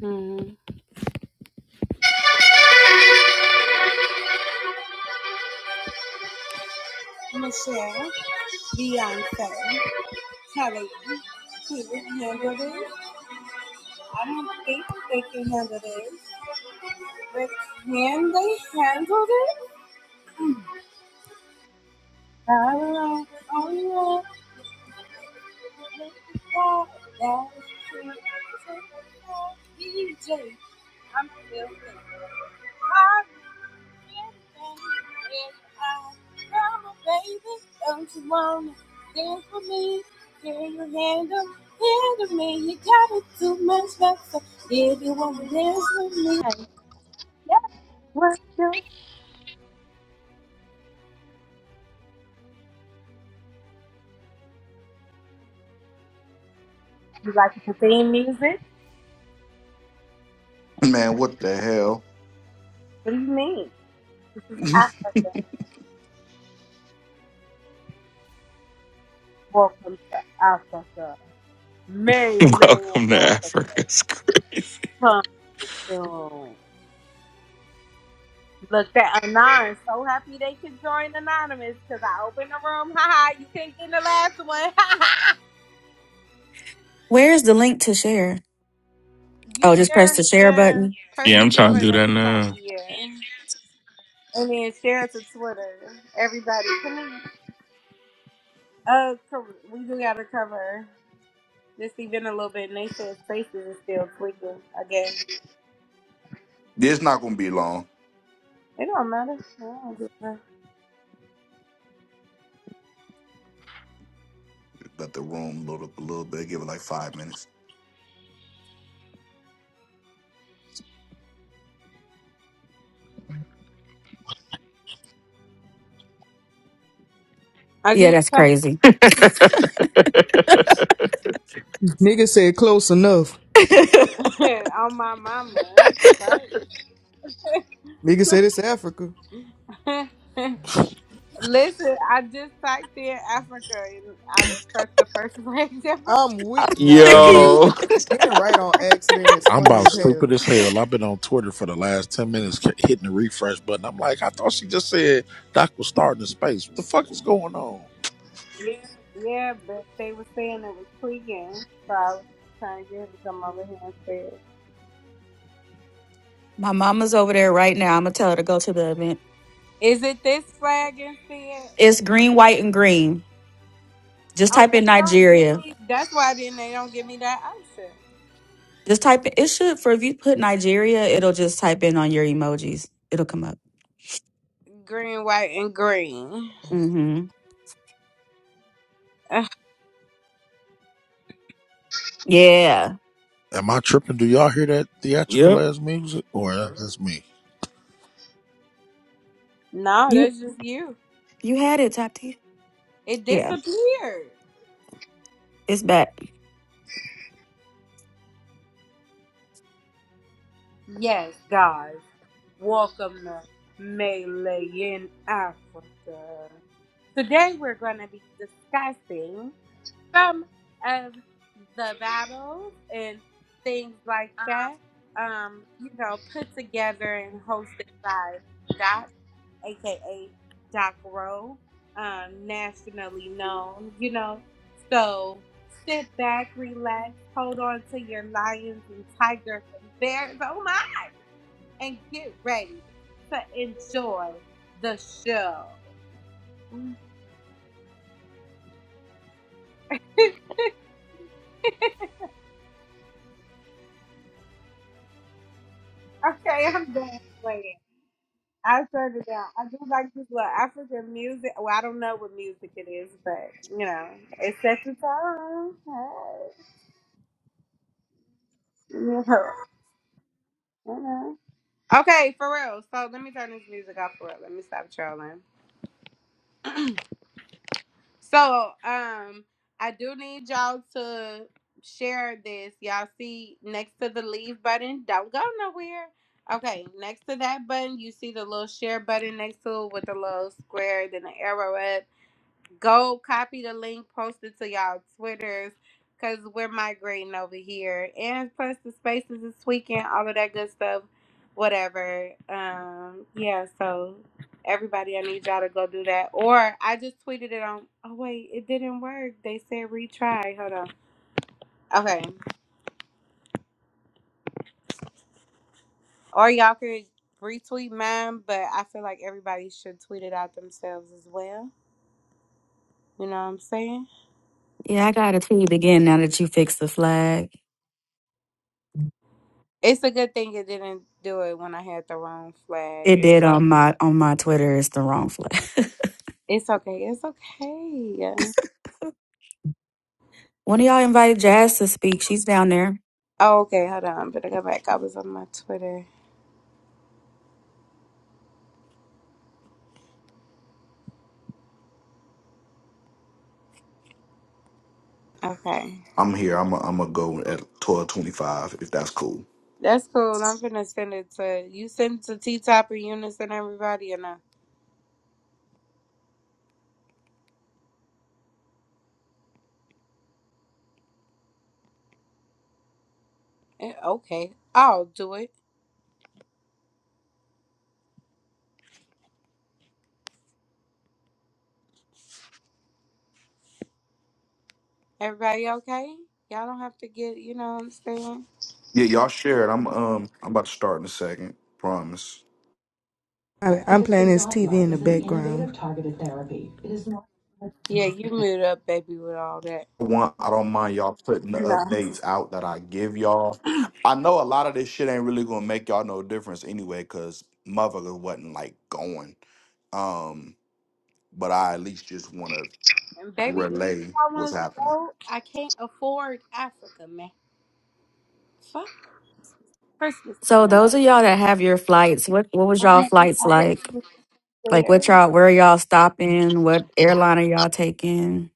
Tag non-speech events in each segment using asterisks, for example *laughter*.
Mm-hmm. Michelle, Beyonce, Kelly, he can handle this. I don't think they can handle this. But can they handle this? I rely on you. DJ, I'm feeling hot. Come on, baby, don't you wanna dance with me? Can you handle, handle me? You got it too much better. If you wanna dance with me, hey, yeah, what you? You like to play music? Man, what the hell? What do you mean? This is *laughs* Africa. Welcome to Africa, *laughs* Maryland, Welcome to Africa. Africa's. Come soon. Look, that Anonymous. So happy they can join Anonymous because I opened the room. Haha, you can't get in the last one. Where's the link to share? *laughs* you Oh, just share, press the share uh, button. press Yeah, the I'm share trying to do button at that the top. now. Yeah. And then share it to Twitter. Everybody, come in. Uh, co- we do got to cover this event a little bit. And they said spaces is still tweaking again. It's not gonna be long. It don't matter. I don't give a- Let the room load up a little bit. Give it like five minutes. I Yeah, just that's crazy. Nigga said close enough. *laughs* I'm *laughs* on my mama. Nigga said it's Africa. *laughs* Listen, I just typed in Africa and I pressed the first *laughs* page ever. I'm weak. Nah, Hey sick of man, you. Yo, being right on accident is I'm funny about as hell. stupid as hell. I've been on Twitter for the last ten minutes, ke- hitting the refresh button. I'm like, I thought she just said Doc was starting in space. What the fuck is going on? Yeah, but they were saying it was tweaking, so I was trying to get him to come over here and say, it. My mama's over there right now. I'm gonna tell her to go to the event. Is it this flag instead? It's green, white, and green. Just Oh, type they in don't give Nigeria. me. That's why then they don't give me that option. Just type in. It should for if you put Nigeria, it'll just type in on your emojis. It'll come up. Green, white, and green. Mm-hmm. Ugh, Yeah. Am I tripping? Do y'all hear that Yep. theatrical ass music, or that- that's me? no, You that's just you. you had it, Top T. It Yeah, disappeared. it's back. Yes, guys. Welcome to Melee in Africa. Today we're going to be discussing some of the battles and things like that, um, you know, put together and hosted by Doc, aka Doc Rowe, um, nationally known, you know. So sit back, relax, hold on to your lions and tigers and bears, oh my, and get ready to enjoy the show. Okay, I'm done playing. I shut it down. I do like this little African music. Well, I don't know what music it is, but you know, it's set the time. Hey. You know, you know. Okay, for real. So let me turn this music off for real. Let me stop trolling. So, um, I do need y'all to share this. Y'all see next to the leave button. Don't go nowhere. Okay, next to that button, you see the little share button next to it with the little square, then the arrow up Go copy the link, post it to y'all Twitters, cause we're migrating over here. And plus the spaces this weekend, all of that good stuff. Whatever. Um, yeah, so everybody I need y'all to go do that. Or I just tweeted it on oh wait, it didn't work. They said retry. Hold on. Okay. Or y'all could retweet mine, but I feel like everybody should tweet it out themselves as well. You know what I'm saying? Yeah, I got a tweet again now that you fixed the flag. It's a good thing it didn't do it when I had the wrong flag. It It's did like on my on my Twitter. It's the wrong flag. It's okay. It's okay. One of y'all invited Jazz to speak. She's down there. Oh, okay. Hold on. Better go back. I was on my Twitter. Okay. I'm here. I'm i I'm gonna go at twelve twenty five if that's cool. That's cool. I'm finna send it to you. Send it to T Top and Eunice and everybody and uh eh, okay. I'll do it. Everybody okay? Y'all don't have to get you know what I'm saying? Yeah, y'all share it. I'm um I'm about to start in a second. Promise. I, I'm playing this TV in the background. Yeah, you mute up, baby, with all that. One, I don't mind y'all putting the updates out that I give y'all. I know a lot of this shit ain't really gonna make y'all no difference anyway, cause motherfucker wasn't like going. Um, but I at least just want to And baby, you relay I what's wanna happening. go. I can't afford Africa, man. Fuck Christmas So coming those up. of y'all that have your flights, what what was y'all flights I would've said- like? Like what y'all where y'all stopping? What airline are y'all taking?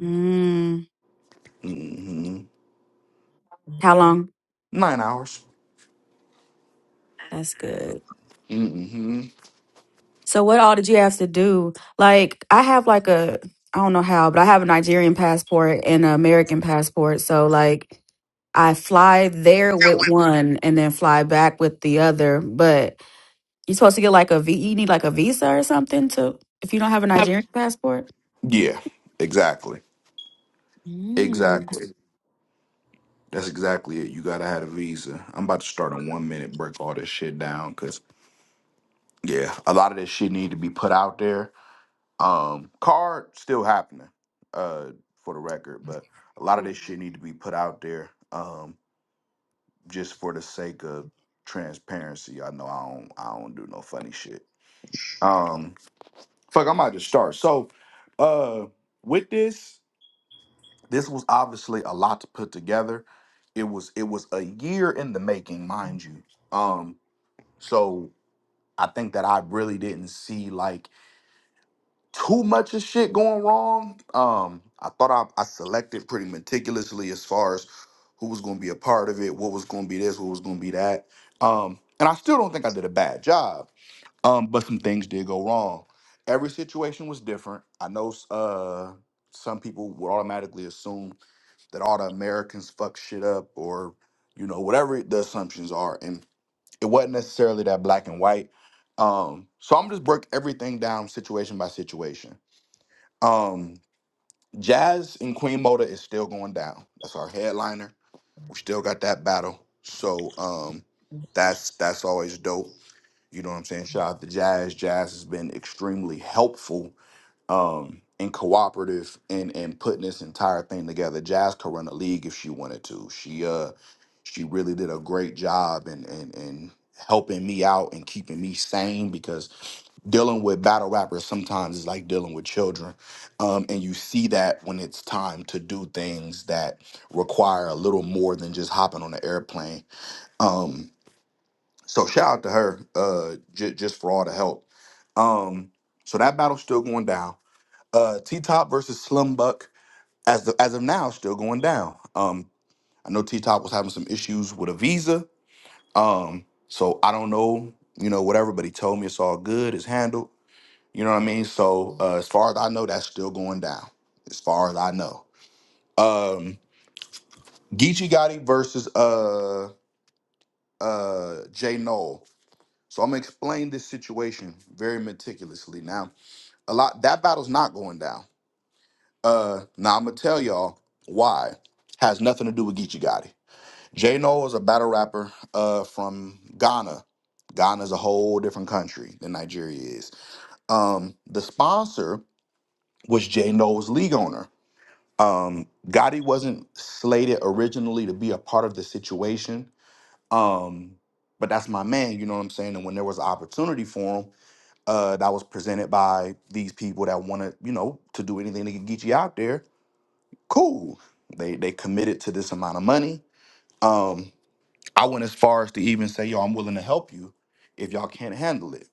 Mm, hmm how long? Nine hours. That's good. hmm So what all did you have to do? Like I have like a I don't know how, but I have a Nigerian passport and an American passport. So like I fly there with one and then fly back with the other. But You're supposed to get like a V. You need like a visa or something to if you don't have a Nigerian passport. Yeah, exactly. Mm. Exactly. That's exactly it. You gotta have a visa. I'm about to start a one minute break all this shit down because yeah, a lot of this shit need to be put out there. Um, card still happening, uh, for the record, but a lot of this shit need to be put out there. Um, just for the sake of transparency. I know I don't I don't do no funny shit. Um fuck, I might just start. So uh with this This was obviously a lot to put together. It was it was a year in the making, mind you. Um, so I think that I really didn't see like too much of shit going wrong. Um, I thought I, I selected pretty meticulously as far as who was going to be a part of it, what was going to be this, what was going to be that. Um, and I still don't think I did a bad job. Um, but some things did go wrong. Every situation was different. I know uh, some people would automatically assume that all the Americans fuck shit up or you know whatever the assumptions are and it wasn't necessarily that black and white um so I'm just break everything down situation by situation um Jazz and Queen Mota is still going down that's our headliner we still got that battle so um that's that's always dope you know what I'm saying shout out to Jazz Jazz has been extremely helpful um, and cooperative in in putting this entire thing together. Jazz could run a league if she wanted to. She uh she really did a great job and and and helping me out and keeping me sane because dealing with battle rappers sometimes is like dealing with children. Um, and you see that when it's time to do things that require a little more than just hopping on an airplane. Um, so shout out to her uh, j- just for all the help. Um, so that battle's still going down uh T Top versus Slim Buck as the, as of now still going down. Um I know T Top was having some issues with a visa. Um so I don't know, you know, whatever, but he told me it's all good, it's handled. You know what I mean? So uh, as far as I know, that's still going down. As far as I know. Um Geechee Gotti versus uh uh Jay Noel. So I'm gonna explain this situation very meticulously. Now, a lot that battle's not going down. Uh, now I'm gonna tell y'all why. Has nothing to do with Geechee Gotti. J Noel is a battle rapper uh, from Ghana. Ghana's a whole different country than Nigeria is. Um, the sponsor was J Noel's league owner. Um, Gotti wasn't slated originally to be a part of the situation, um, but that's my man. You know what I'm saying? And when there was an opportunity for him, uh, that was presented by these people that wanted, you know, to do anything to get Geechee out there cool. They they committed to this amount of money. Um, I went as far as to even say, yo, I'm willing to help you if y'all can't handle it.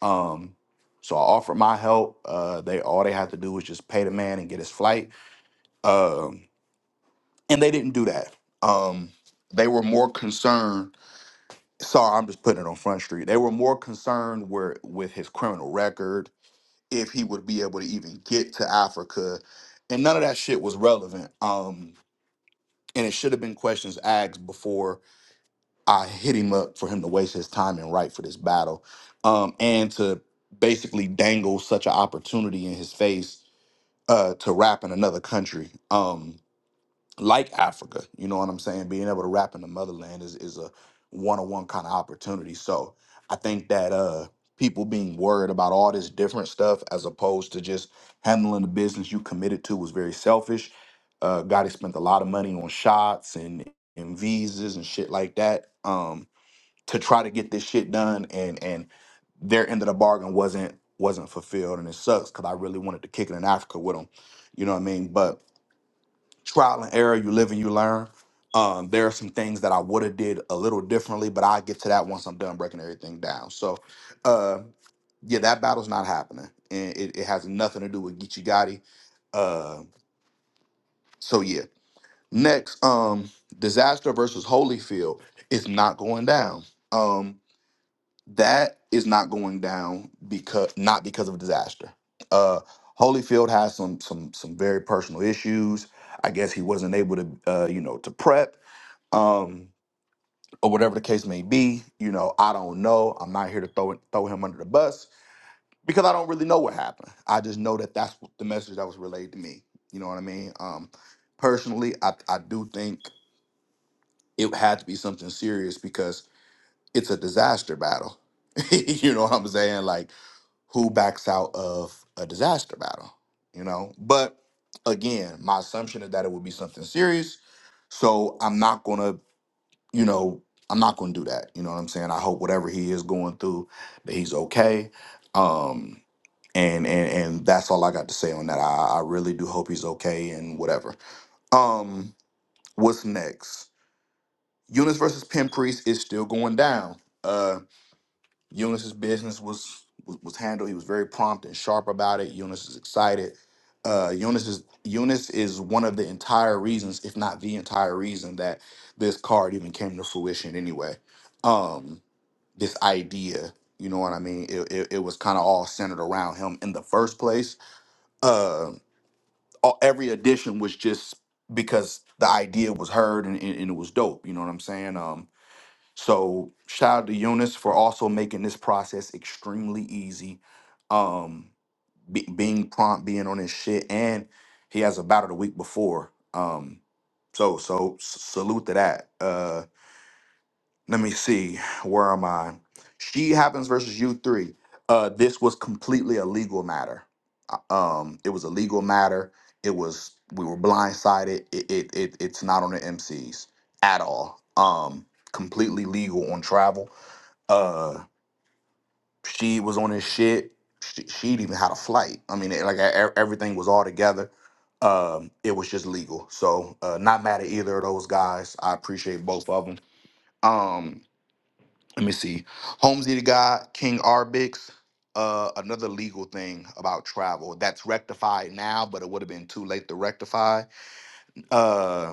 Um, so I offered my help. Uh, they all they had to do was just pay the man and get his flight. Um, and they didn't do that. Um, they were more concerned. Sorry, I'm just putting it on Front Street. They were more concerned where with his criminal record, if he would be able to even get to Africa, and none of that shit was relevant. Um, And it should have been questions asked before I hit him up for him to waste his time and write for this battle. Um, and to basically dangle such an opportunity in his face uh, to rap in another country. Um, like Africa. You know what I'm saying? Being able to rap in the motherland is, is a one on one kind of opportunity. So I think that uh people being worried about all this different stuff as opposed to just handling the business you committed to was very selfish. Uh Gotti spent a lot of money on shots and, and visas and shit like that. Um to try to get this shit done and and their end of the bargain wasn't wasn't fulfilled and it sucks because I really wanted to kick it in Africa with them. You know what I mean? But trial and error. You live and you learn. Um, there are some things that I would have did a little differently, but I get to that once I'm done breaking everything down. So, uh, yeah, that battle's not happening, and it, it has nothing to do with Geechee Gotti. Uh, so yeah, next, um, disaster versus Holyfield is not going down. Um, that is not going down because not because of disaster. Uh, Holyfield has some some some very personal issues. I guess he wasn't able to, uh, you know, to prep um, or whatever the case may be. You know, I don't know. I'm not here to throw throw him under the bus because I don't really know what happened. I just know that that's the message that was relayed to me. You know what I mean? Um, personally, I I do think it had to be something serious because it's a disaster battle. *laughs* you know what I'm saying? Like who backs out of a disaster battle? You know, but again, my assumption is that it would be something serious. So I'm not gonna you know, I'm not going to do that. You know what I'm saying? I hope whatever he is going through, that he's okay. Um, and and and that's all I got to say on that. I, I really do hope he's okay and whatever. Um, what's next? Eunice versus Pimp Priest is still going down. Uh, Eunice's business was was was handled. He was very prompt and sharp about it. Eunice is excited. Uh, Eunice is Eunice is one of the entire reasons, if not the entire reason, that this card even came to fruition. Anyway, um this idea. You know what I mean? It, it, it was kind of all centered around him in the first place. Uh, all, every edition was just because the idea was heard and, and, and it was dope. You know what I'm saying? Um, so shout out to Eunice for also making this process extremely easy. Um, be, being prompt, being on his shit, and he has a battle the week before. Um, so so s- salute to that. Uh, let me see where am i she happens versus you three uh this was completely a legal matter Uh, um it was a legal matter it was we were blindsided it it, it it's not on the mcs at all um completely legal on travel uh she was on this shit she, she'd even had a flight i mean it, like e- e, everything was all together um it was just legal so uh not mad at either of those guys i appreciate both of them um let me see. Holmesy the guy, King Arbix, uh, another legal thing about travel that's rectified now, but it would have been too late to rectify. Uh,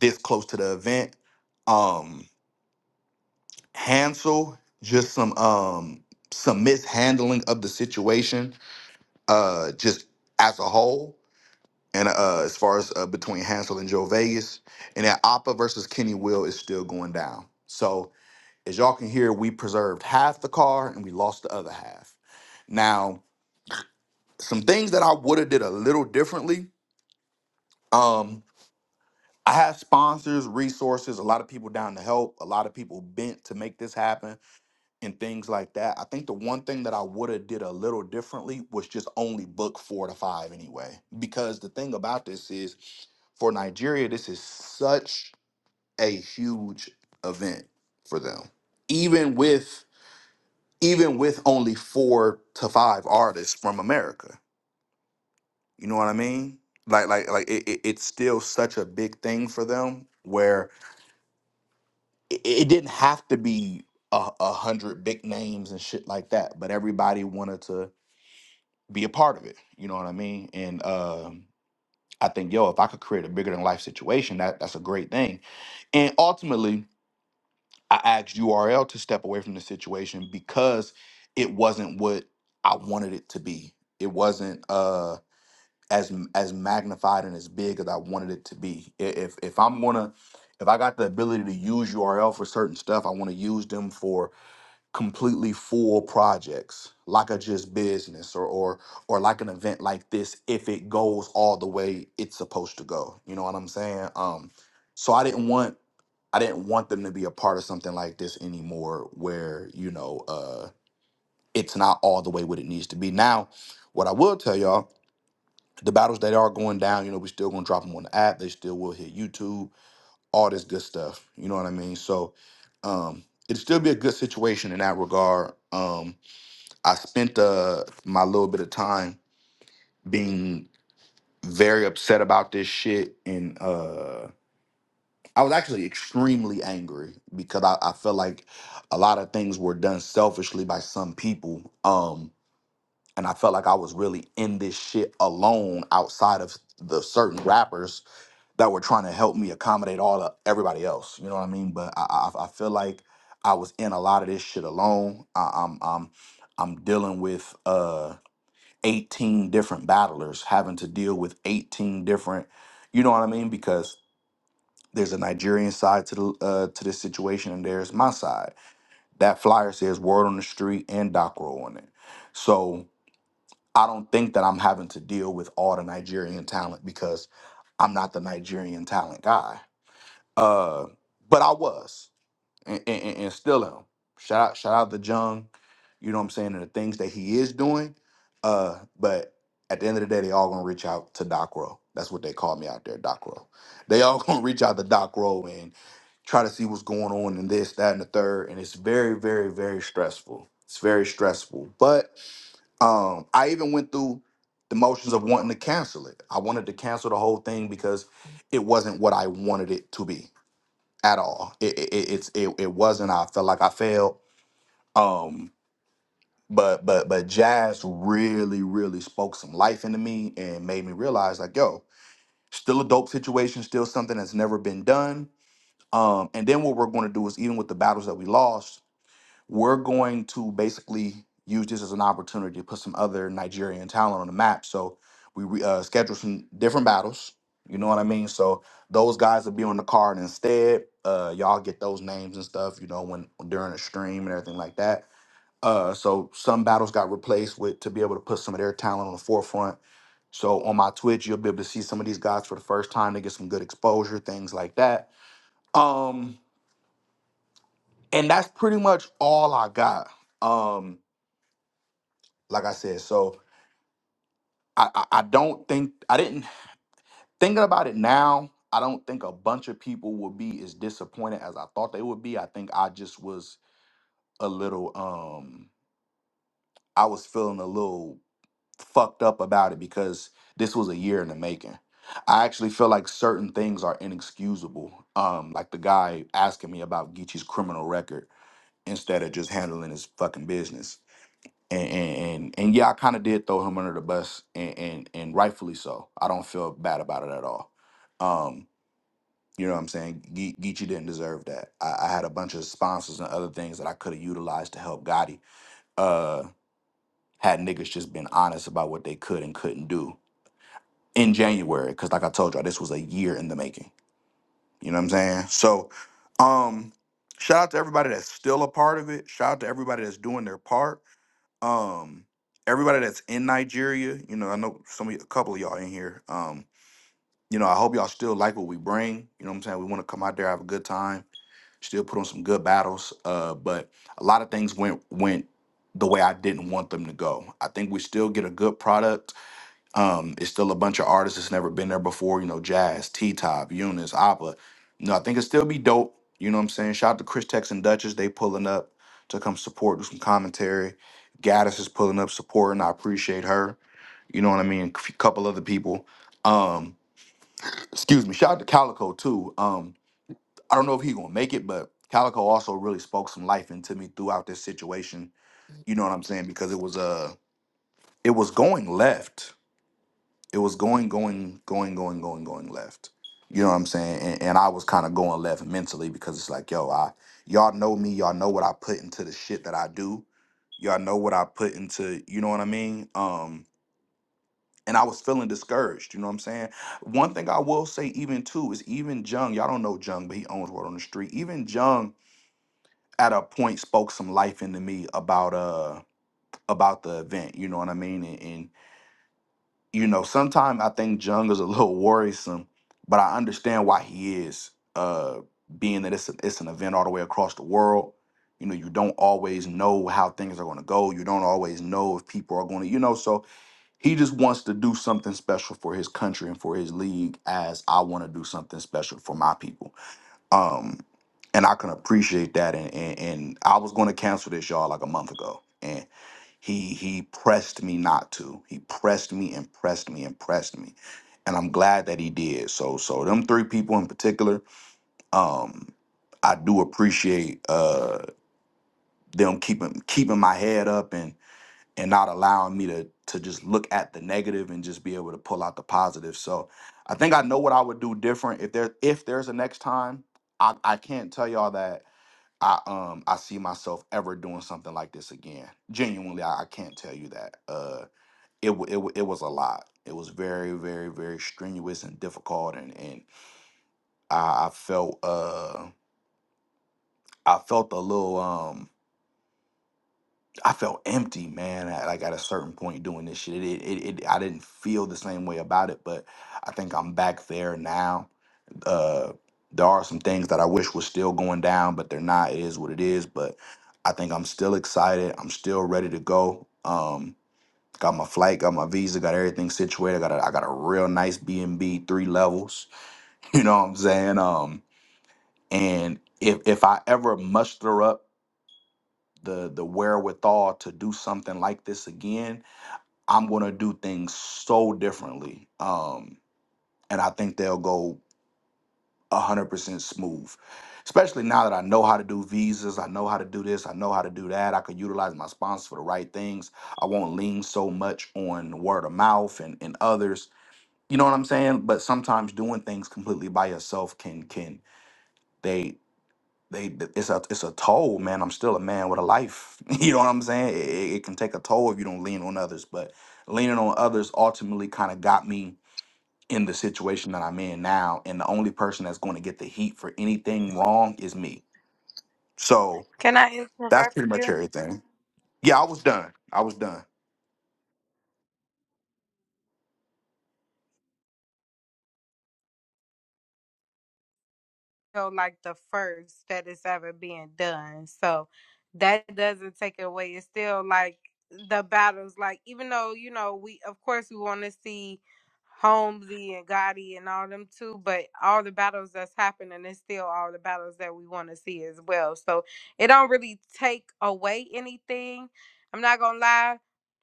this close to the event, um, Hansel, just some um some mishandling of the situation, uh, just as a whole. And uh, as far as uh, between Hansel and Joe Vegas, and that Oppa versus Kenny Will is still going down. So As y'all can hear, we preserved half the car and we lost the other half. Now, some things that I would have did a little differently. Um, I have sponsors, resources, a lot of people down to help, a lot of people bent to make this happen, and things like that. I think the one thing that I would have did a little differently was just only book four to five anyway. Because the thing about this is, for Nigeria, this is such a huge event for them. Even with even with only four to five artists from America. You know what I mean? Like like like it, it, it's still such a big thing for them where it, it didn't have to be a, a hundred big names and shit like that, but everybody wanted to be a part of it. You know what I mean? And um I think yo, if I could create a bigger than life situation, that that's a great thing. And ultimately, I asked URL to step away from the situation because it wasn't what I wanted it to be. It wasn't. uh, as as magnified and as big as I wanted it to be. I- If if I'm gonna if I got the ability to use URL for certain stuff, I want to use them for completely full projects, like a just business or or or like an event like this. If it goes all the way it's supposed to go, you know what I'm saying? Um, so I didn't want I didn't want them to be a part of something like this anymore, where you know uh, it's not all the way what it needs to be. Now, what I will tell y'all the battles that are going down, you know, we still gonna drop them on the app. They still will hit YouTube, all this good stuff. You know what I mean? So um it'd still be a good situation in that regard. Um I spent uh my little bit of time being very upset about this shit and uh I was actually extremely angry because I, I felt like a lot of things were done selfishly by some people. Um and I felt like I was really in this shit alone outside of the certain rappers that were trying to help me accommodate all of everybody else. You know what I mean? But I, I I feel like I was in a lot of this shit alone. I, I'm I'm I'm dealing with uh 18 different battlers, having to deal with 18 different. You know what I mean? Because there's a Nigerian side to the uh, to this situation, and there's my side. That flyer says "Word on the Street" and Docro on it. So I don't think that I'm having to deal with all the Nigerian talent because I'm not the Nigerian talent guy. Uh, but I was and, and, and and still am. Shout out, shout out to Jung, you know what I'm saying, and the things that he is doing. Uh, but at the end of the day, they all gonna reach out to Doc Rowe. That's what they call me out there, Doc Rowe. They all *laughs* gonna reach out to Doc Rowe and try to see what's going on and this, that, and the third. And it's very, very, very stressful. It's very stressful. But um, I even went through the motions of wanting to cancel it. I wanted to cancel the whole thing because it wasn't what I wanted it to be at all. It, it, it- it's it, it wasn't. I felt like I failed. Um, but but but jazz really really spoke some life into me and made me realize like, yo, still a dope situation, still something that's never been done. Um, and then what we're going to do is even with the battles that we lost, we're going to basically use this as an opportunity to put some other Nigerian talent on the map. So we re- uh, schedule some different battles. You know what I mean? So those guys will be on the card instead. Uh, y'all get those names and stuff. You know when during a stream and everything like that. Uh, so some battles got replaced with to be able to put some of their talent on the forefront. So on my Twitch, you'll be able to see some of these guys for the first time to get some good exposure, things like that. Um, and that's pretty much all I got. Um, like I said. So I, I, I don't think I didn't thinking about it now. I don't think a bunch of people would be as disappointed as I thought they would be. I think I just was a little um I was feeling a little fucked up about it because this was a year in the making. I actually feel like certain things are inexcusable. Um, like the guy asking me about Geechee's criminal record instead of just handling his fucking business. and and and, and yeah, I kind of did throw him under the bus, and, and and rightfully so. I don't feel bad about it at all. Um, you know what I'm saying? Ge- Geechee didn't deserve that. I, I had a bunch of sponsors and other things that I could have utilized to help Gotti. Uh, had niggas just been honest about what they could and couldn't do in January, because like I told y'all, this was a year in the making. You know what I'm saying? So, um, shout out to everybody that's still a part of it. Shout out to everybody that's doing their part um everybody that's in Nigeria, you know, I know some of y- a couple of y'all in here. Um, you know, I hope y'all still like what we bring. You know what I'm saying? We want to come out there, have a good time, still put on some good battles. Uh, but a lot of things went went the way I didn't want them to go. I think we still get a good product um, it's still a bunch of artists that's never been there before, you know, Jazz, T Top, Eunice, Oppa. You know, I think it'll still be dope. You know what I'm saying? Shout out to Chris Tex and Duchess, they pulling up to come support, do some commentary. Gaddis is pulling up supporting. I appreciate her. You know what I mean? A couple other people. Um, excuse me. Shout out to Calico too. Um, I don't know if he gonna make it, but Calico also really spoke some life into me throughout this situation. You know what I'm saying? Because it was uh it was going left It was going, going, going, going, going, going left. You know what I'm saying? And, and I was kind of going left mentally because it's like, yo, I y'all know me, y'all know what I put into the shit that I do. Y'all know what I put into, you know what I mean? Um, and I was feeling discouraged, you know what I'm saying? One thing I will say, even too, is even Jung, y'all don't know Jung, but he owns Word on the Street. Even Jung at a point spoke some life into me about uh about the event, you know what I mean? And and you know, sometimes I think Jung is a *laughs* little worrisome, but I understand why he is. Uh, being that it's a, it's an event all the way across the world, you know, you don't always know how things are going to go. You don't always know if people are going to, you know. So he just wants to do something special for his country and for his league, as I want to do something special for my people. Um, and I can appreciate that. And and, and I was going to cancel this y'all like a month ago, he he pressed me not to. He pressed me and pressed me and pressed me. And I'm glad that he did. So so them three people in particular, um, I do appreciate uh them keeping keeping my head up and and not allowing me to to just look at the negative and just be able to pull out the positive. So I think I know what I would do different if there if there's a next time. I, I can't tell y'all that I um I see myself ever doing something like this again. Genuinely, I, I can't tell you that. Uh it, wa- it wa- it was a lot. It was very very very strenuous and difficult, and and I, I felt uh I felt a little um I felt empty, man. At, like at a certain point doing this shit, it, it it I didn't feel the same way about it, but I think I'm back there now. Uh, there are some things that I wish was still going down, but they're not. It is what it is. But I think I'm still excited. I'm still ready to go. Um, Got my flight, got my visa, got everything situated. I got a, I got a real nice B and B, three levels. *laughs* You know what I'm saying? Um, and if if I ever muster up the the wherewithal to do something like this again, I'm gonna do things so differently. Um, and I think they'll go hundred percent smooth. Especially now that I know how to do visas, I know how to do this, I know how to do that. I can utilize my sponsors for the right things. I won't lean so much on word of mouth and, and others You know what I'm saying? But sometimes doing things completely by yourself can can they they it's a it's a toll, man. I'm still a man with a life. *laughs* You know what I'm saying? It, it it can take a toll if you don't lean on others. But leaning on others ultimately kind of got me in the situation that I'm in now. And the only person that's going to get the heat for anything wrong is me. So Can I that's interrupt pretty much you? everything. Yeah, I was done. I was done. feel like the first that it's ever being done. So that doesn't take it away. It's still like the battles, like even though, you know, we of course we want to see Holmesy and Gotti and all them too, but all the battles that's happening is still all the battles that we want to see as well. So it don't really take away anything. I'm not gonna lie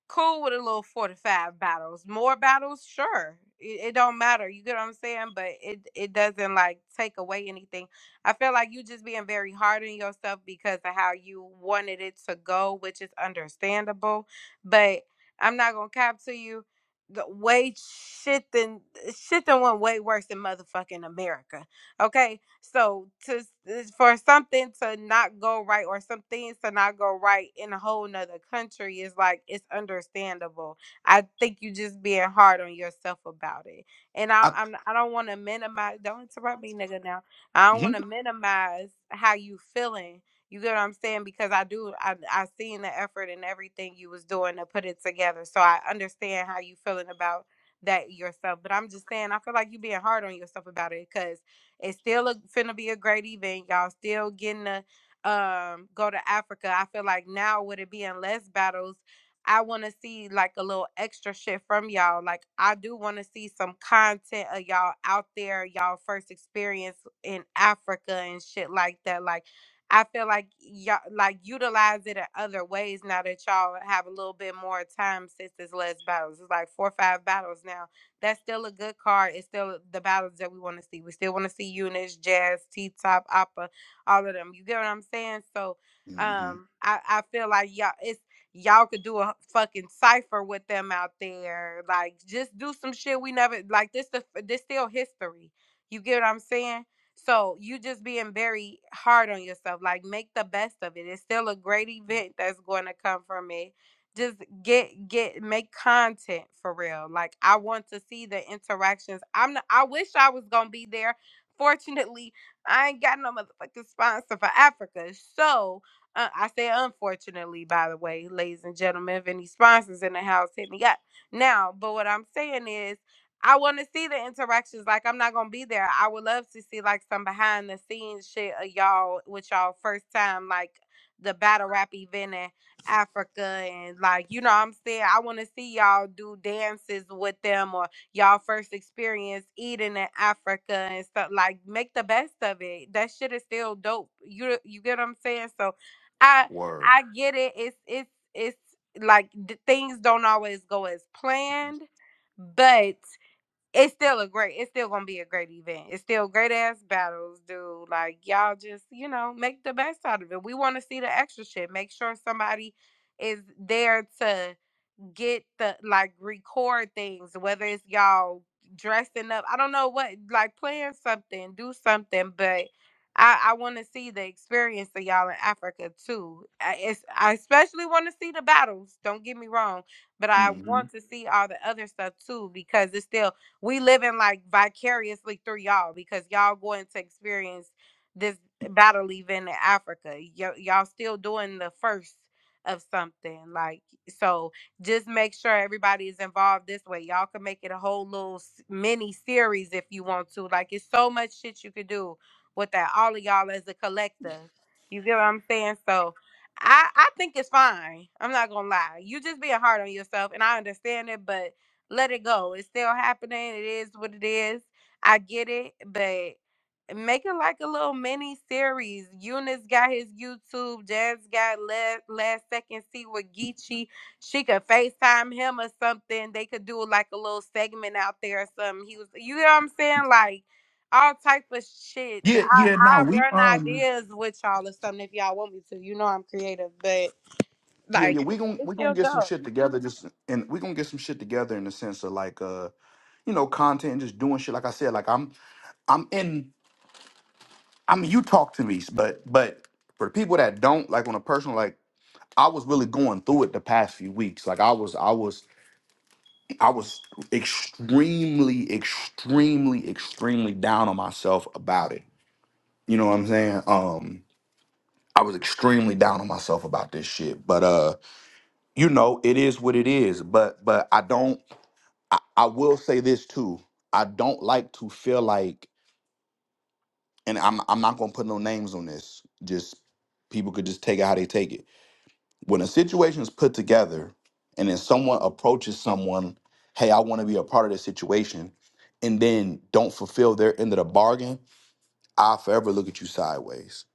cool with a little four to five battles. More battles, sure. It, it don't matter. You get what I'm saying? But it it doesn't like take away anything. I feel like you just being very hard on yourself because of how you wanted it to go, which is understandable. But I'm not gonna cap to you. The way shit then shit then went way worse in motherfucking America. Okay, so to s- uh, for something to not go right or some things to not go right in a whole nother country is like it's understandable. I think you just being hard on yourself about it, and I I, I'm, I don't want to minimize. Don't interrupt me, nigga. Now I don't hmm want to minimize how you feeling. You get what I'm saying? Because I do. I I seen the effort and everything you was doing to put it together, so I understand how you feeling about that yourself. But I'm just saying, I feel like you being hard on yourself about it because it's still a, finna be a great event. Y'all still getting to um go to Africa. I feel like now with it being less battles, I want to see like a little extra shit from y'all. Like I do want to see some content of y'all out there, y'all first experience in Africa and shit like that. Like I feel like y'all like utilize it in other ways now that y'all have a little bit more time since this last battles. It's like four or five battles now that's still a good card. It's still the battles that we want to see. We still want to see Eunice, Jazz, T Top, Oppa, all of them. You get what I'm saying? So Mm-hmm. um I, I feel like y'all it's y'all could do a fucking cipher with them out there. Like just do some shit we never like this the this still history. You get what I'm saying? So you just being very hard on yourself. Like make the best of it. It's still a great event that's going to come from it just get get make content for real like i want to see the interactions i'm not, i wish i was gonna be there fortunately i ain't got no motherfucking sponsor for africa so uh, i say unfortunately by the way ladies and gentlemen if any sponsors in the house hit me up now but what i'm saying is i want to see the interactions like i'm not gonna be there i would love to see like some behind the scenes shit of y'all with y'all first time like the battle rap event and Africa and like you know what I'm saying I want to see y'all do dances with them or y'all first experience eating in Africa and stuff like make the best of it that shit is still dope you you get what I'm saying so I Word. I get it it's it's it's like d- things don't always go as planned but it's still a great it's still gonna be a great event it's still great ass battles dude like y'all just you know make the best out of it we want to see the extra shit make sure somebody is there to get the like record things, whether it's y'all dressing up. I don't know what like plan something, do something, but I, I want to see the experience of y'all in Africa too. I, it's, I especially want to see the battles. Don't get me wrong, but I hmm want to see all the other stuff too because it's still we living like vicariously through y'all because y'all going to experience this battle event in Africa. Y- y'all still doing the first of something like so just make sure everybody is involved this way. Y'all can make it a whole little mini series if you want to. Like it's so much shit you could do with that. All of y'all as a collective. You get what I'm saying? So I I think it's fine. I'm not gonna lie. You just being hard on yourself, and I understand it, but let it go. It's still happening. It is what it is. I get it, but make it like a little mini series. Eunice got his YouTube. Jazz got last last second. See what Geechee she could FaceTime him or something. They could do like a little segment out there or something. He was, you know what I'm saying? Like all type of shit. Yeah, I, yeah. No, I we run um. ideas with y'all or something if y'all want me to. You know I'm creative, but Yeah, yeah, like we it- gon' it's we gonna still get some dope. shit together. Just and we gonna get some shit together in the sense of like, uh, you know, content and just doing shit. Like I said, like I'm, I'm in. I mean, you talk to me, but but for people that don't, like on a personal, like I was really going through it the past few weeks. Like I was, I was, I was extremely, extremely, extremely down on myself about it. You know what I'm saying? Um, I was extremely down on myself about this shit. But uh, you know, it is what it is. But but I don't. I, I will say this too. I don't like to feel like, and I'm I'm not gonna put no names on this. Just people could just take it how they take it. When a situation is put together, and then someone approaches someone, hey, I want to be a part of this situation, and then don't fulfill their end of the bargain, I'll forever look at you sideways.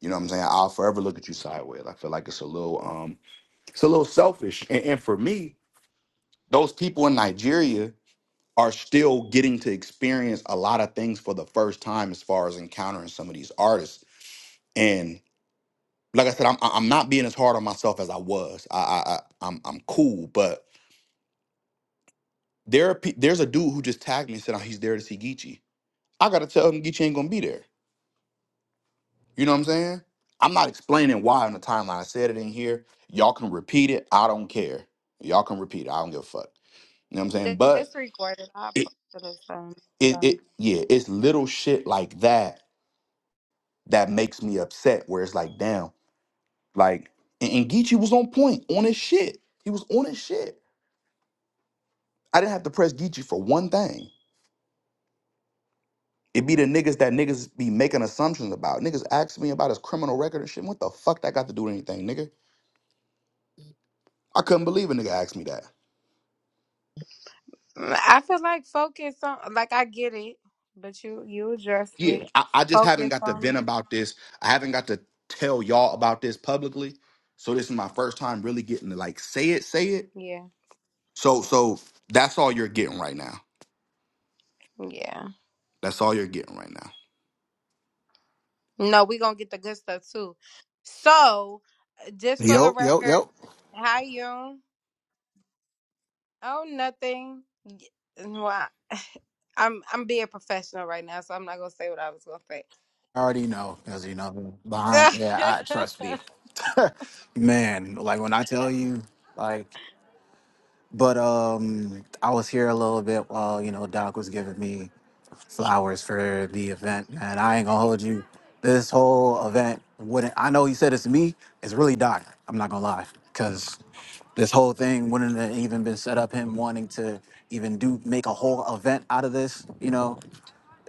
You know what I'm saying? I'll forever look at you sideways. I feel like it's a little um, it's a little selfish. And, and for me, those people in Nigeria are still getting to experience a lot of things for the first time as far as encountering some of these artists. And like I said, I'm I'm not being as hard on myself as I was. I I, I I'm I'm cool, but there are, pe- there's a dude who just tagged me and said oh, he's there to see Geechee. I gotta tell him Geechee ain't gonna be there. You know what I'm saying? I'm not explaining why on the timeline. I said it in here. Y'all can repeat it. I don't care. Y'all can repeat it. I don't give a fuck. You know what I'm saying? Th- But This recorded, I it posted or something. it, So. it yeah, it's little shit like that that makes me upset. Where it's like, damn, like and, and Geechee was on point, on his shit. He was on his shit. I didn't have to press Geechee for one thing. It be the niggas that niggas be making assumptions about. Niggas ask me about his criminal record and shit. What the fuck that got to do with anything, nigga? I couldn't believe a nigga asked me that. Mm, I feel like focus on, like I get it, but you you addressed Yeah, it. I, I just haven't Focus got to vent on, about this. I haven't got to tell y'all about this publicly. So this is my first time really getting to like say it, say it. yeah, So so that's all you're getting right now. yeah. That's all you're getting right now. No, we're gonna get the good stuff too. So, uh, just for the Yo, yo, record, yo. hi you. Oh, nothing. Y- Well, I- I'm I'm being professional right now, so I'm not gonna say what I was gonna say. I already know, cause you know, behind. Yeah, I trust me, *laughs* *laughs* man. Like when I tell you, like. But um, I was here a little bit while you know Doc was giving me flowers for the event, and I ain't gonna hold you. This whole event wouldn't. I know he said it's me. It's really Doc. I'm not gonna lie, because this whole thing wouldn't have even been set up him wanting to even do make a whole event out of this you know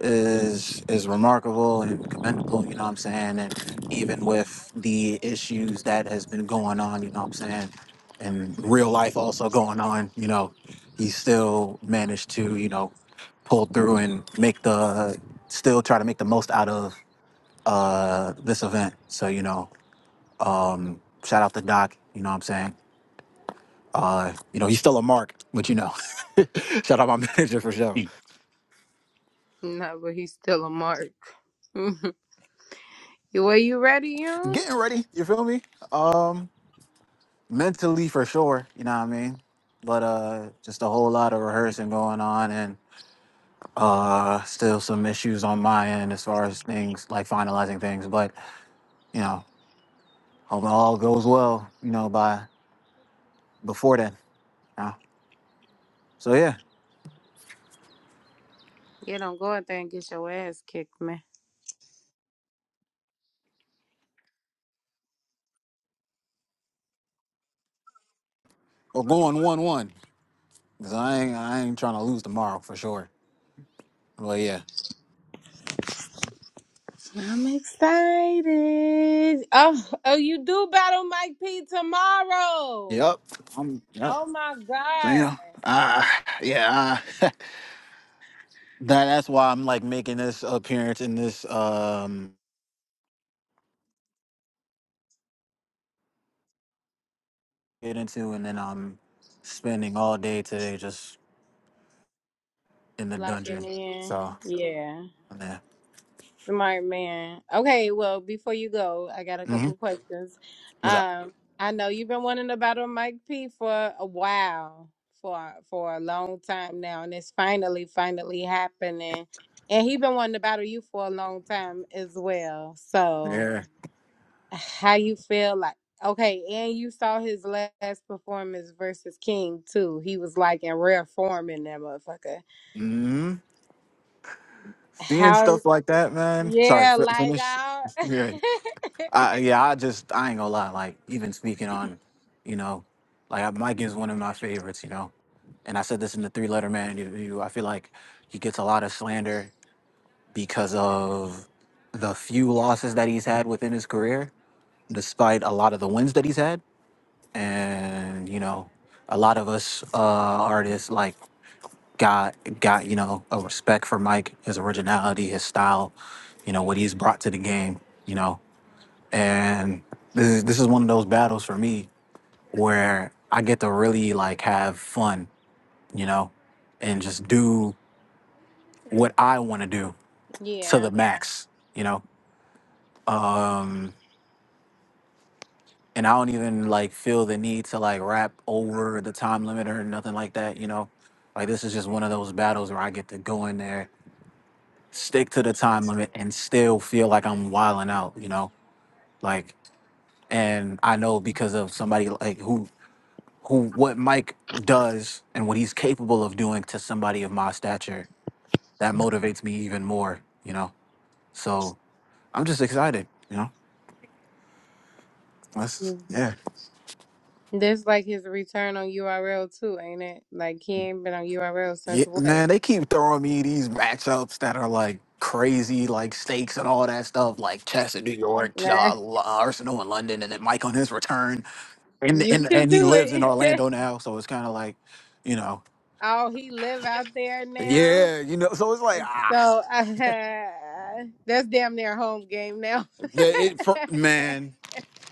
is is remarkable and commendable, you know what I'm saying? And even with the issues that has been going on, you know what I'm saying, and real life also going on, you know, he still managed to, you know, pull through and make the still try to make the most out of uh this event. So, you know, um shout out to Doc, you know what I'm saying? Uh, you know, he's still a mark, but you know. *laughs* shout out my *laughs* manager for sure. Mm. no, but he's still a mark. *laughs* You- Were you ready, you? Getting ready, you feel me? Um mentally for sure you know what i mean but uh just a whole lot of rehearsing going on and uh still some issues on my end as far as things like finalizing things but you know hope all goes well you know by before then you know? so yeah Yeah, don't go out there and get your ass kicked, man. we're going one one because i ain't i ain't trying to lose tomorrow for sure but yeah I'm excited. Oh, oh, you do battle Mike P tomorrow. yep i'm yep Oh my so you god. know uh yeah uh, *laughs* that that's why i'm like making this appearance in this um get into, and then I'm spending all day today just in the Locking dungeon. in. So, Yeah. yeah. Smart man. Okay, well, before you go, I got a hmm couple questions. What's up? Um, I know you've been wanting to battle Mike P for a while, for for a long time now, and it's finally, finally happening. And he been wanting to battle you for a long time as well. So Yeah. how you feel like okay, and you saw his last performance versus King too. He was like in rare form in that motherfucker. hmm Seeing How stuff like that, man. Sorry, Yeah, f- like finish. I *laughs* Yeah. I, yeah, I just, I ain't gonna lie. Like, even speaking on, you know, like Mike is one of my favorites, you know. And I said this in the three letter man interview. I feel like he gets a lot of slander because of the few losses that he's had within his career, despite a lot of the wins that he's had. and you know a lot of us uh artists like got got you know a respect for mike his originality his style you know what he's brought to the game you know and this is this is one of those battles for me where i get to really like have fun you know and just do what i want to do to the Yeah. max you know Um, and I don't even like feel the need to like rap over the time limit or nothing like that. You know, like this is just one of those battles where I get to go in there, stick to the time limit, and still feel like I'm wilding out. You know, like and I know because of somebody like who who what Mike does and what he's capable of doing to somebody of my stature that motivates me even more. You know, so I'm just excited. You know, that's Mm. yeah. That's like his return on URL too, ain't it? Like he ain't been on URL Yeah, since what? man, they keep throwing me these matchups that are like crazy, like stakes and all that stuff, like Chess in New York, Nah. *laughs* uh, L- Arsenal in London, and then Mike on his return, and You and can and he do lives in it. *laughs* Orlando now, so it's kind of like, you know, oh, he live out there now. yeah, you know, so it's like So *laughs* ah, uh, that's damn near home game now. the- it, for, *laughs* man,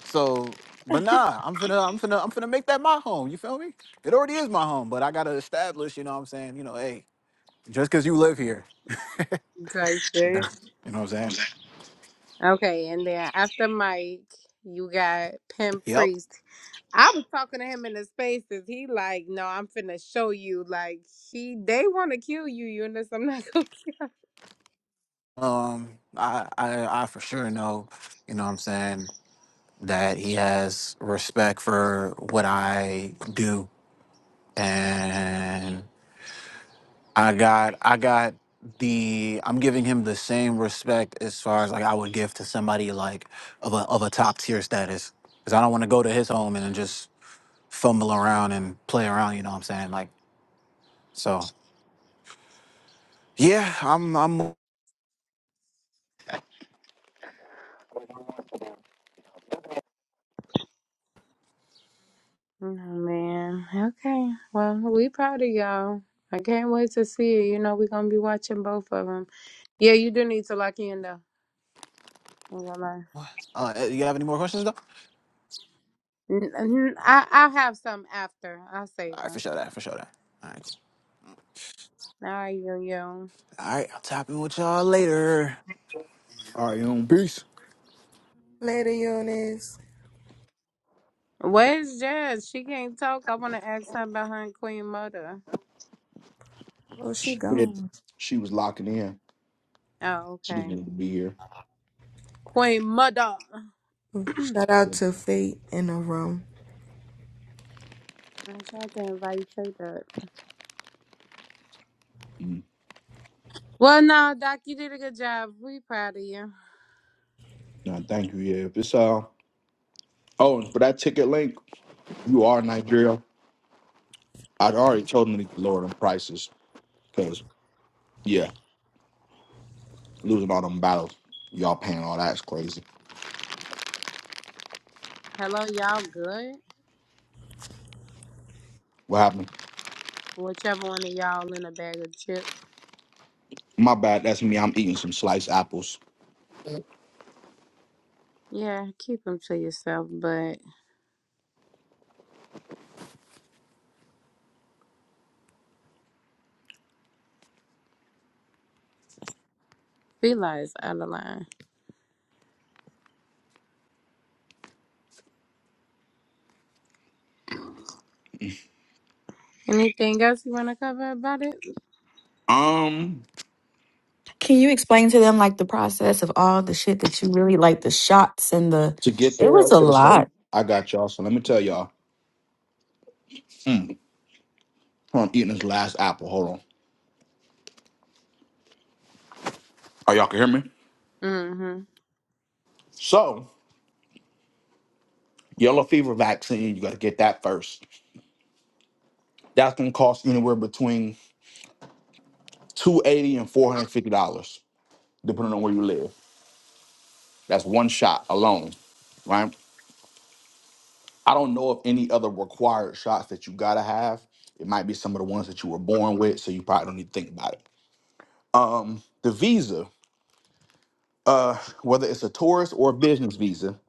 so. But nah, I'm finna, I'm finna, I'm finna make that my home. You feel me? It already is my home, but I gotta establish. You know what I'm saying? You know, hey, just cause you live here, Type *laughs* you know shit. what I'm saying? Okay, and then after Mike, you got Pimp Yep. Priest I was talking to him in the spaces. He like, no, I'm finna show you. Like he, they want to kill you, Eunice. I'm not *laughs* gonna kill. Um, I, I, I for sure know, you know what I'm saying, that he has respect for what I do. And I got, I got the, I'm giving him the same respect as far as like I would give to somebody like of a, of a top tier status. Cause I don't want to go to his home and then just fumble around and play around, you know what I'm saying? Like, so yeah, I'm, I'm, Oh man. Okay. Well, we proud of y'all. I can't wait to see it. You know, we gonna be watching both of them. Yeah, you do need to lock in though. I'm gonna lie. uh, you have any more questions though? All N- n- I I'll have some after. I'll save right, for them. sure that, for sure that. All right. All right, yo yo. All right, I'll tap in with y'all later. All right, Peace. Ladies, Where's Jazz? She can't talk. I want to ask her about her and Queen Mother. oh she She said gone. she was locking in. Oh, She just okay. wanted to be here. Queen Mother. *clears throat* Shout out to Fate in the room. I tried to invite you to that. Mm. Well, no, Doc, you did a good job. We proud of you. Nah, thank you. Yeah, if it's uh oh, and for that ticket link, you are in Nigeria. I'd already told them to lower them prices because yeah, losing all them battles, y'all paying all that's crazy. Hello, y'all good? What happened? Whichever one of y'all in a bag of chips. My bad. That's me. I'm eating some sliced apples. Yeah, keep them to yourself, but Fila is out of line. Anything else you want to cover about it? Um, Can you explain to them like the process of all the shit that you really like the shots and the? to get It there, was a okay, so lot. I got y'all. So let me tell y'all. Mm, I'm eating this last apple. Hold on. Oh, y'all can hear me. Mm-hmm. So yellow fever vaccine, you got to get that first That's gonna cost anywhere between two eighty and four hundred fifty dollars, depending on where you live. That's one shot alone, right? I don't know of any other required shots that you gotta have. It might be some of the ones that you were born with, so you probably don't need to think about it. Um, the visa, uh, whether it's a tourist or a business visa,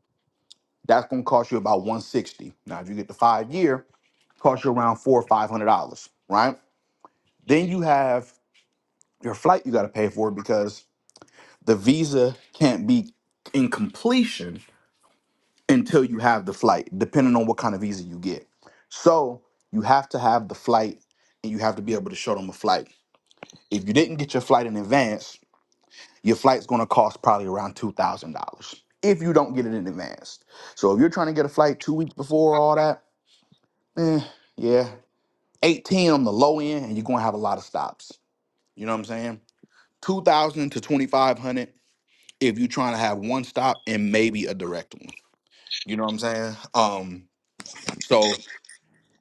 that's gonna cost you about one sixty. Now, if you get the five year, cost you around four or five hundred dollars, right? Then you have your flight you gotta pay for because the visa can't be in completion until you have the flight, depending on what kind of visa you get. So you have to have the flight and you have to be able to show them a flight. If you didn't get your flight in advance, your flight's gonna cost probably around $2,000 if you don't get it in advance. So if you're trying to get a flight two weeks before all that, eh, yeah, 18 on the low end and you're gonna have a lot of stops. You know what I'm saying? 2,000 to 2,500 if you're trying to have one stop and maybe a direct one. You know what I'm saying? Um, so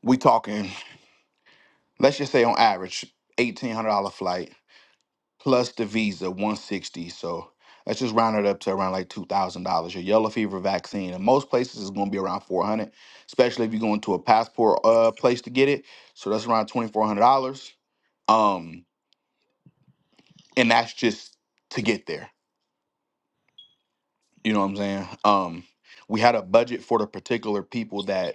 we talking, let's just say on average, eighteen hundred dollar flight plus the visa, one sixty. So let's just round it up to around like two thousand dollars. Your yellow fever vaccine in most places is gonna be around four hundred, especially if you're going to a passport uh place to get it. So that's around twenty four hundred dollars. Um, and that's just to get there. You know what I'm saying? Um, we had a budget for the particular people that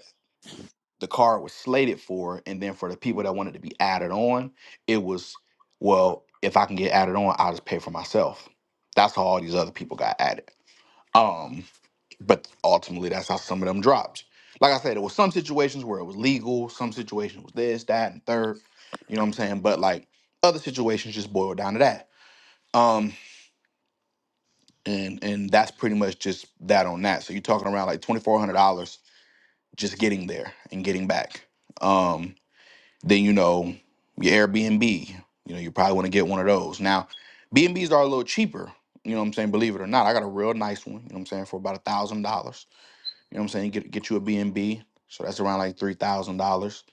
the card was slated for, and then for the people that wanted to be added on, it was well, if I can get added on, I'll just pay for myself. That's how all these other people got added. Um, but ultimately, that's how some of them dropped. Like I said, there was some situations where it was legal, some situations was this, that, and third. You know what I'm saying? But like other situations, just boiled down to that. Um, and and that's pretty much just that on that. So you're talking around like twenty four hundred dollars just getting there and getting back. Um, Then you know your Airbnb. You know you probably want to get one of those. Now, B and B's are a little cheaper. You know what I'm saying? Believe it or not, I got a real nice one. You know what I'm saying for about a thousand dollars. You know what I'm saying? Get get you a B and B. So that's around like three thousand dollars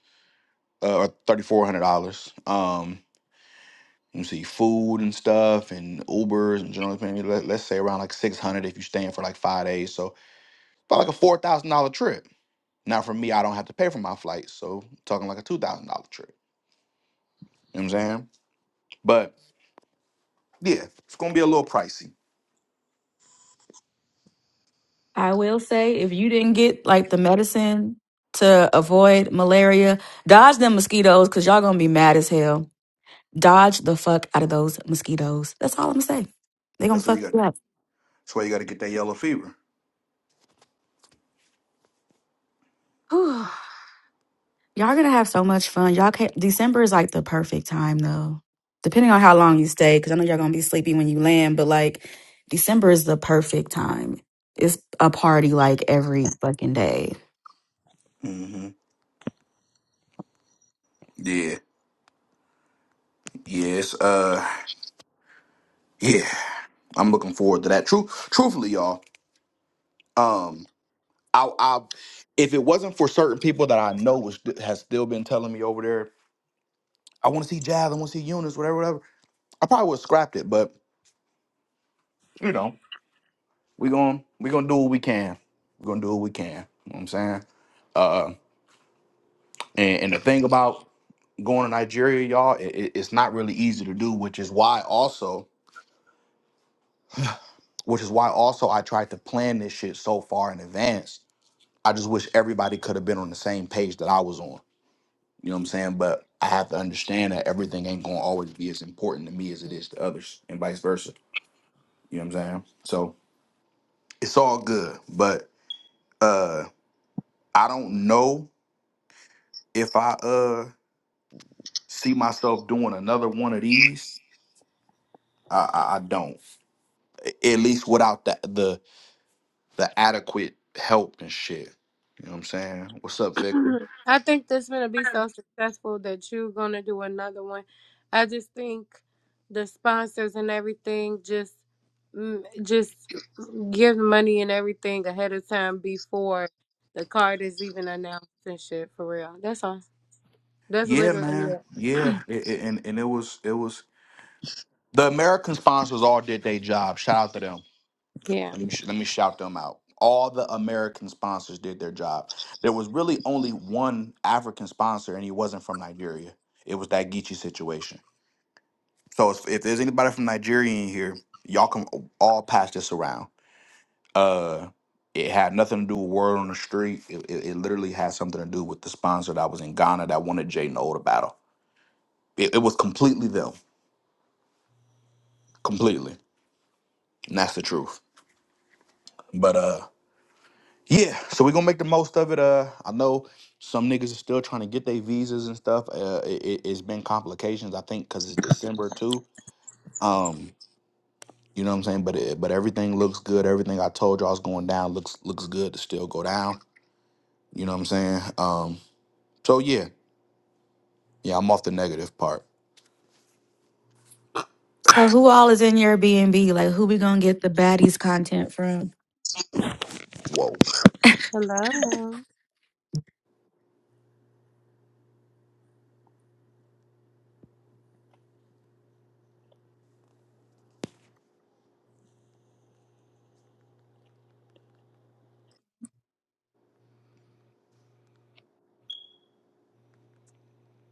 uh, or thirty four hundred dollars. Um, you see food and stuff and Ubers and generally paying. Let, let's say around like six hundred if you're staying for like five days. So about like a four thousand dollar trip. Now for me, I don't have to pay for my flights, so I'm talking like a two thousand dollar trip. You know what I'm saying? But Yeah, it's gonna be a little pricey. I will say, if you didn't get like the medicine to avoid malaria, dodge them mosquitoes because y'all gonna be mad as hell. Dodge the fuck out of those mosquitoes. That's all I'm gonna say. They gonna That's why you fuck got. you That's why you got to get that yellow fever. up. *sighs* Y'all gonna have so much fun. Y'all can December is like the perfect time though. Depending on how long you stay, because I know y'all gonna be sleepy when you land, but like December is the perfect time. It's a party like every fucking day. hmm Yeah. Yes. Uh. Yeah. I'm looking forward to that. True. Truthfully, y'all. Um. I. I. If it wasn't for certain people that I know was has still been telling me over there, I want to see Jazz. I want to see Eunice. Whatever. Whatever. I probably would have scrapped it, but you know, we going we gonna do what we can. We're gonna do what we can. You know what I'm saying. Uh. And, and the thing about going to Nigeria, y'all, it, it's not really easy to do, which is why also, which is why also I tried to plan this shit so far in advance. I just wish everybody could have been on the same page that I was on. You know what I'm saying? But I have to understand that everything ain't gonna always be as important to me as it is to others, and vice versa. You know what I'm saying? So it's all good, but uh, I don't know if I uh see myself doing another one of these. I, I, I don't. At least without that the the adequate help and shit. You know what I'm saying? What's up, Victor? *clears throat* I think this going to be so successful that you're going to do another one. I just think the sponsors and everything just, mm, just give money and everything ahead of time before the card is even announced and shit for real. That's all. That's Yeah, literally man. it. Yeah, It- it- and and it was it was the American sponsors all did their job. Shout out to them. Yeah. Let me sh- let me shout them out. All the American sponsors did their job. There was really only one African sponsor, and he wasn't from Nigeria. It was that Geechee situation. So if, if there's anybody from Nigeria in here, y'all can all pass this around Uh, it had nothing to do with word on the street. It, it, it literally had something to do with the sponsor that was in Ghana that wanted Jay Noel to battle. It, it was completely them, completely, and that's the truth. But uh, yeah. So we gonna make the most of it. Uh, I know some niggas are still trying to get their visas and stuff. Uh, it, it- it's been complications, I think, because it's December too. Um, you know what I'm saying? But it, but everything looks good. Everything I told y'all is going down looks looks good to still go down. You know what I'm saying? Um, so yeah. Yeah, I'm off the negative part. So who all is in your B and B? Like who we gonna get the baddies content from? Whoa. Hello.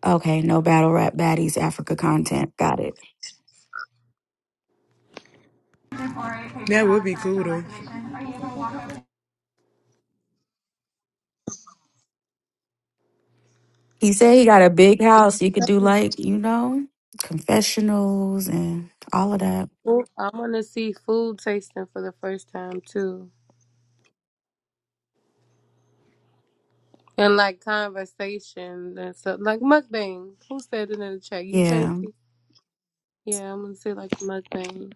Okay, no battle rap baddies Africa content. Got it. That would be cool though. He said he got a big house. You could do like, you know, confessionals and all of that. Food- I want to see food tasting for the first time too, and like conversation and stuff like mukbang. Who said it in the chat? You Yeah. Tracy? Yeah, I'm gonna see like mukbang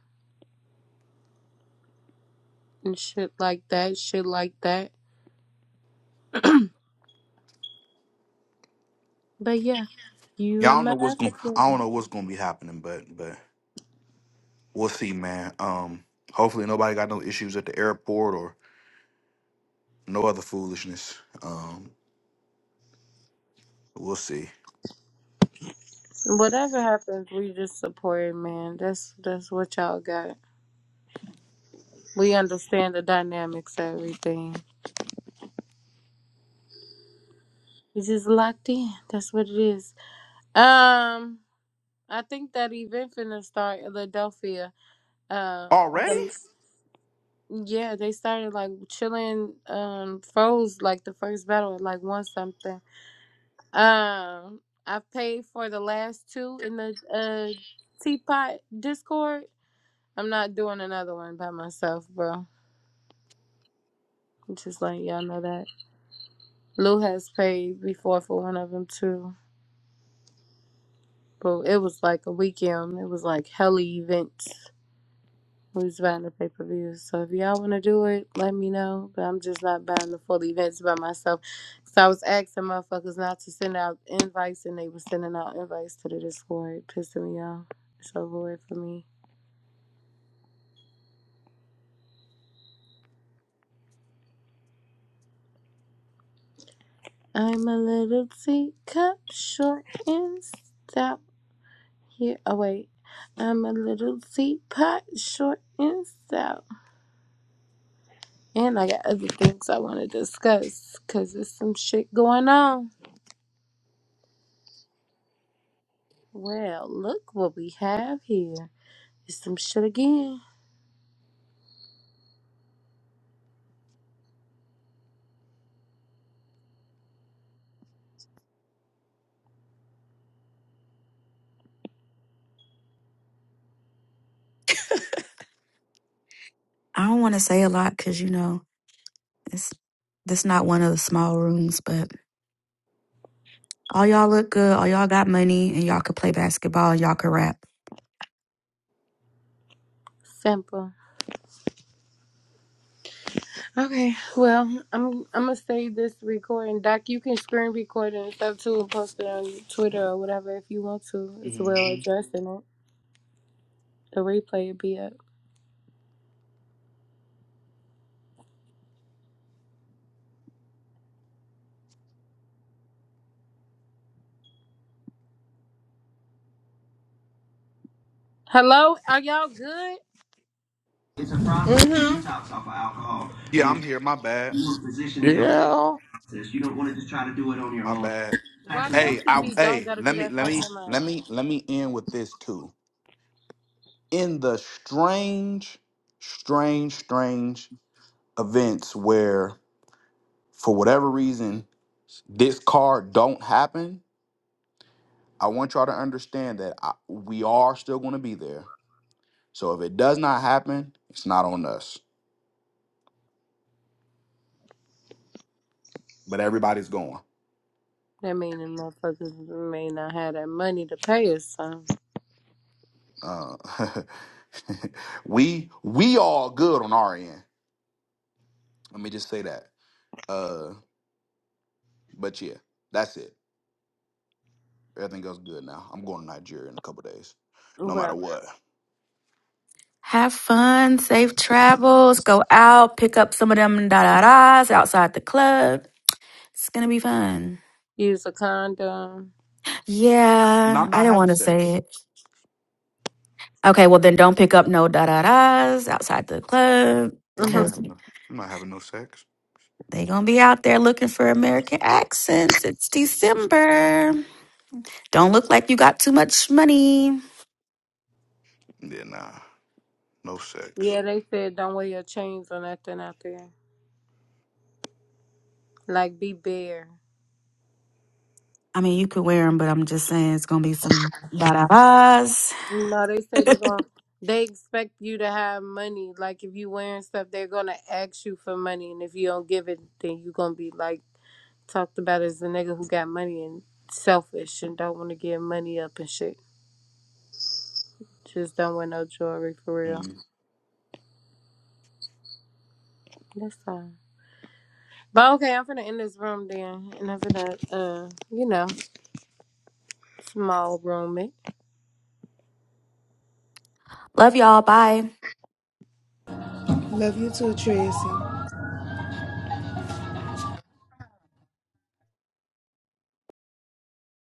and shit like that. Shit like that. But yeah, you Yeah, I and don't know my what's going. I don't African. know what's going to be happening, but but we'll see, man. Um, hopefully nobody got no issues at the airport or no other foolishness. Um, we'll see. Whatever happens, we just support it, man. That's that's what y'all got. We understand the dynamics of everything. It's just locked in. That's what it is. Um, I think that event finna start in Philadelphia. Uh, Already? the, yeah, they started like chilling. Um, froze like the first battle at like one something. Um, I paid for the last two in the uh teapot Discord. I'm not doing another one by myself, bro. I'm just letting y'all know that Lou has paid before for one of them too. But it was like a weekend. It was like hella events. We was buying the pay per views. So if y'all want to do it, let me know. But I'm just not buying the full events by myself. So I was asking motherfuckers not to send out invites, and they were sending out invites to the Discord, pissing me off. It's over with for me. I'm a little teacup, short and stout. Here, oh wait, I'm a little teapot, short and stout. And I got other things I want to discuss because there's some shit going on. Well, look what we have here. It's some shit again. I don't want to say a lot cuz you know, it's this not one of the small rooms, but All y'all look good. All y'all got money, and y'all could play basketball. And y'all could rap. Simple. Okay, well, I'm I'm gonna save this recording. Doc, you can screen record it and stuff too and post it on Twitter or whatever if you want to, as well hmm addressing it. The replay will be up. Hello, are y'all good? Yeah, I'm here. My bad. Yeah. Mm-hmm. My bad. Watch that Hey, I TV. Don't hey. gotta be Let me that let fucking me let loud. me let me end with this too. In the strange, strange, strange events where, for whatever reason, this card don't happen I want y'all to understand that I, we are still going to be there. So if it does not happen, it's not on us. But everybody's going. That mean them motherfuckers may not have that money to pay us some. Uh, *laughs* we we all good on our end. Let me just say that. Uh, but yeah, that's it. Everything goes good now. I'm going to Nigeria in a couple days, no Well, matter what. Have fun. Safe travels. Go out. Pick up some of them da da da's outside the club. It's gonna be fun. Use a condom. No, Yeah, I'm I not didn't having want to say sex. it. Okay, well then don't pick up no da da da's outside the club Yeah, I'm hmm not because having no. I'm not having no sex. they gonna be out there looking for American accents. It's December. Don't look like you got too much money. Yeah, nah, no sex. Yeah, they said don't wear your chains or nothing out there. Like be bare. I mean, you could wear them, but I'm just saying it's gonna be some da da da's. No, they say *laughs* they're going to they expect you to have money. Like if you wearing stuff, they're gonna ask you for money and if you don't give it then you gonna be like talked about as the nigga who got money and selfish and don't wanna give money up and shit. Just don't wear no jewelry for real. That's all. But okay, I'm finna end this room then and I'm finna uh, you know, small room it. Love y'all. Bye. Love you too, Tracy.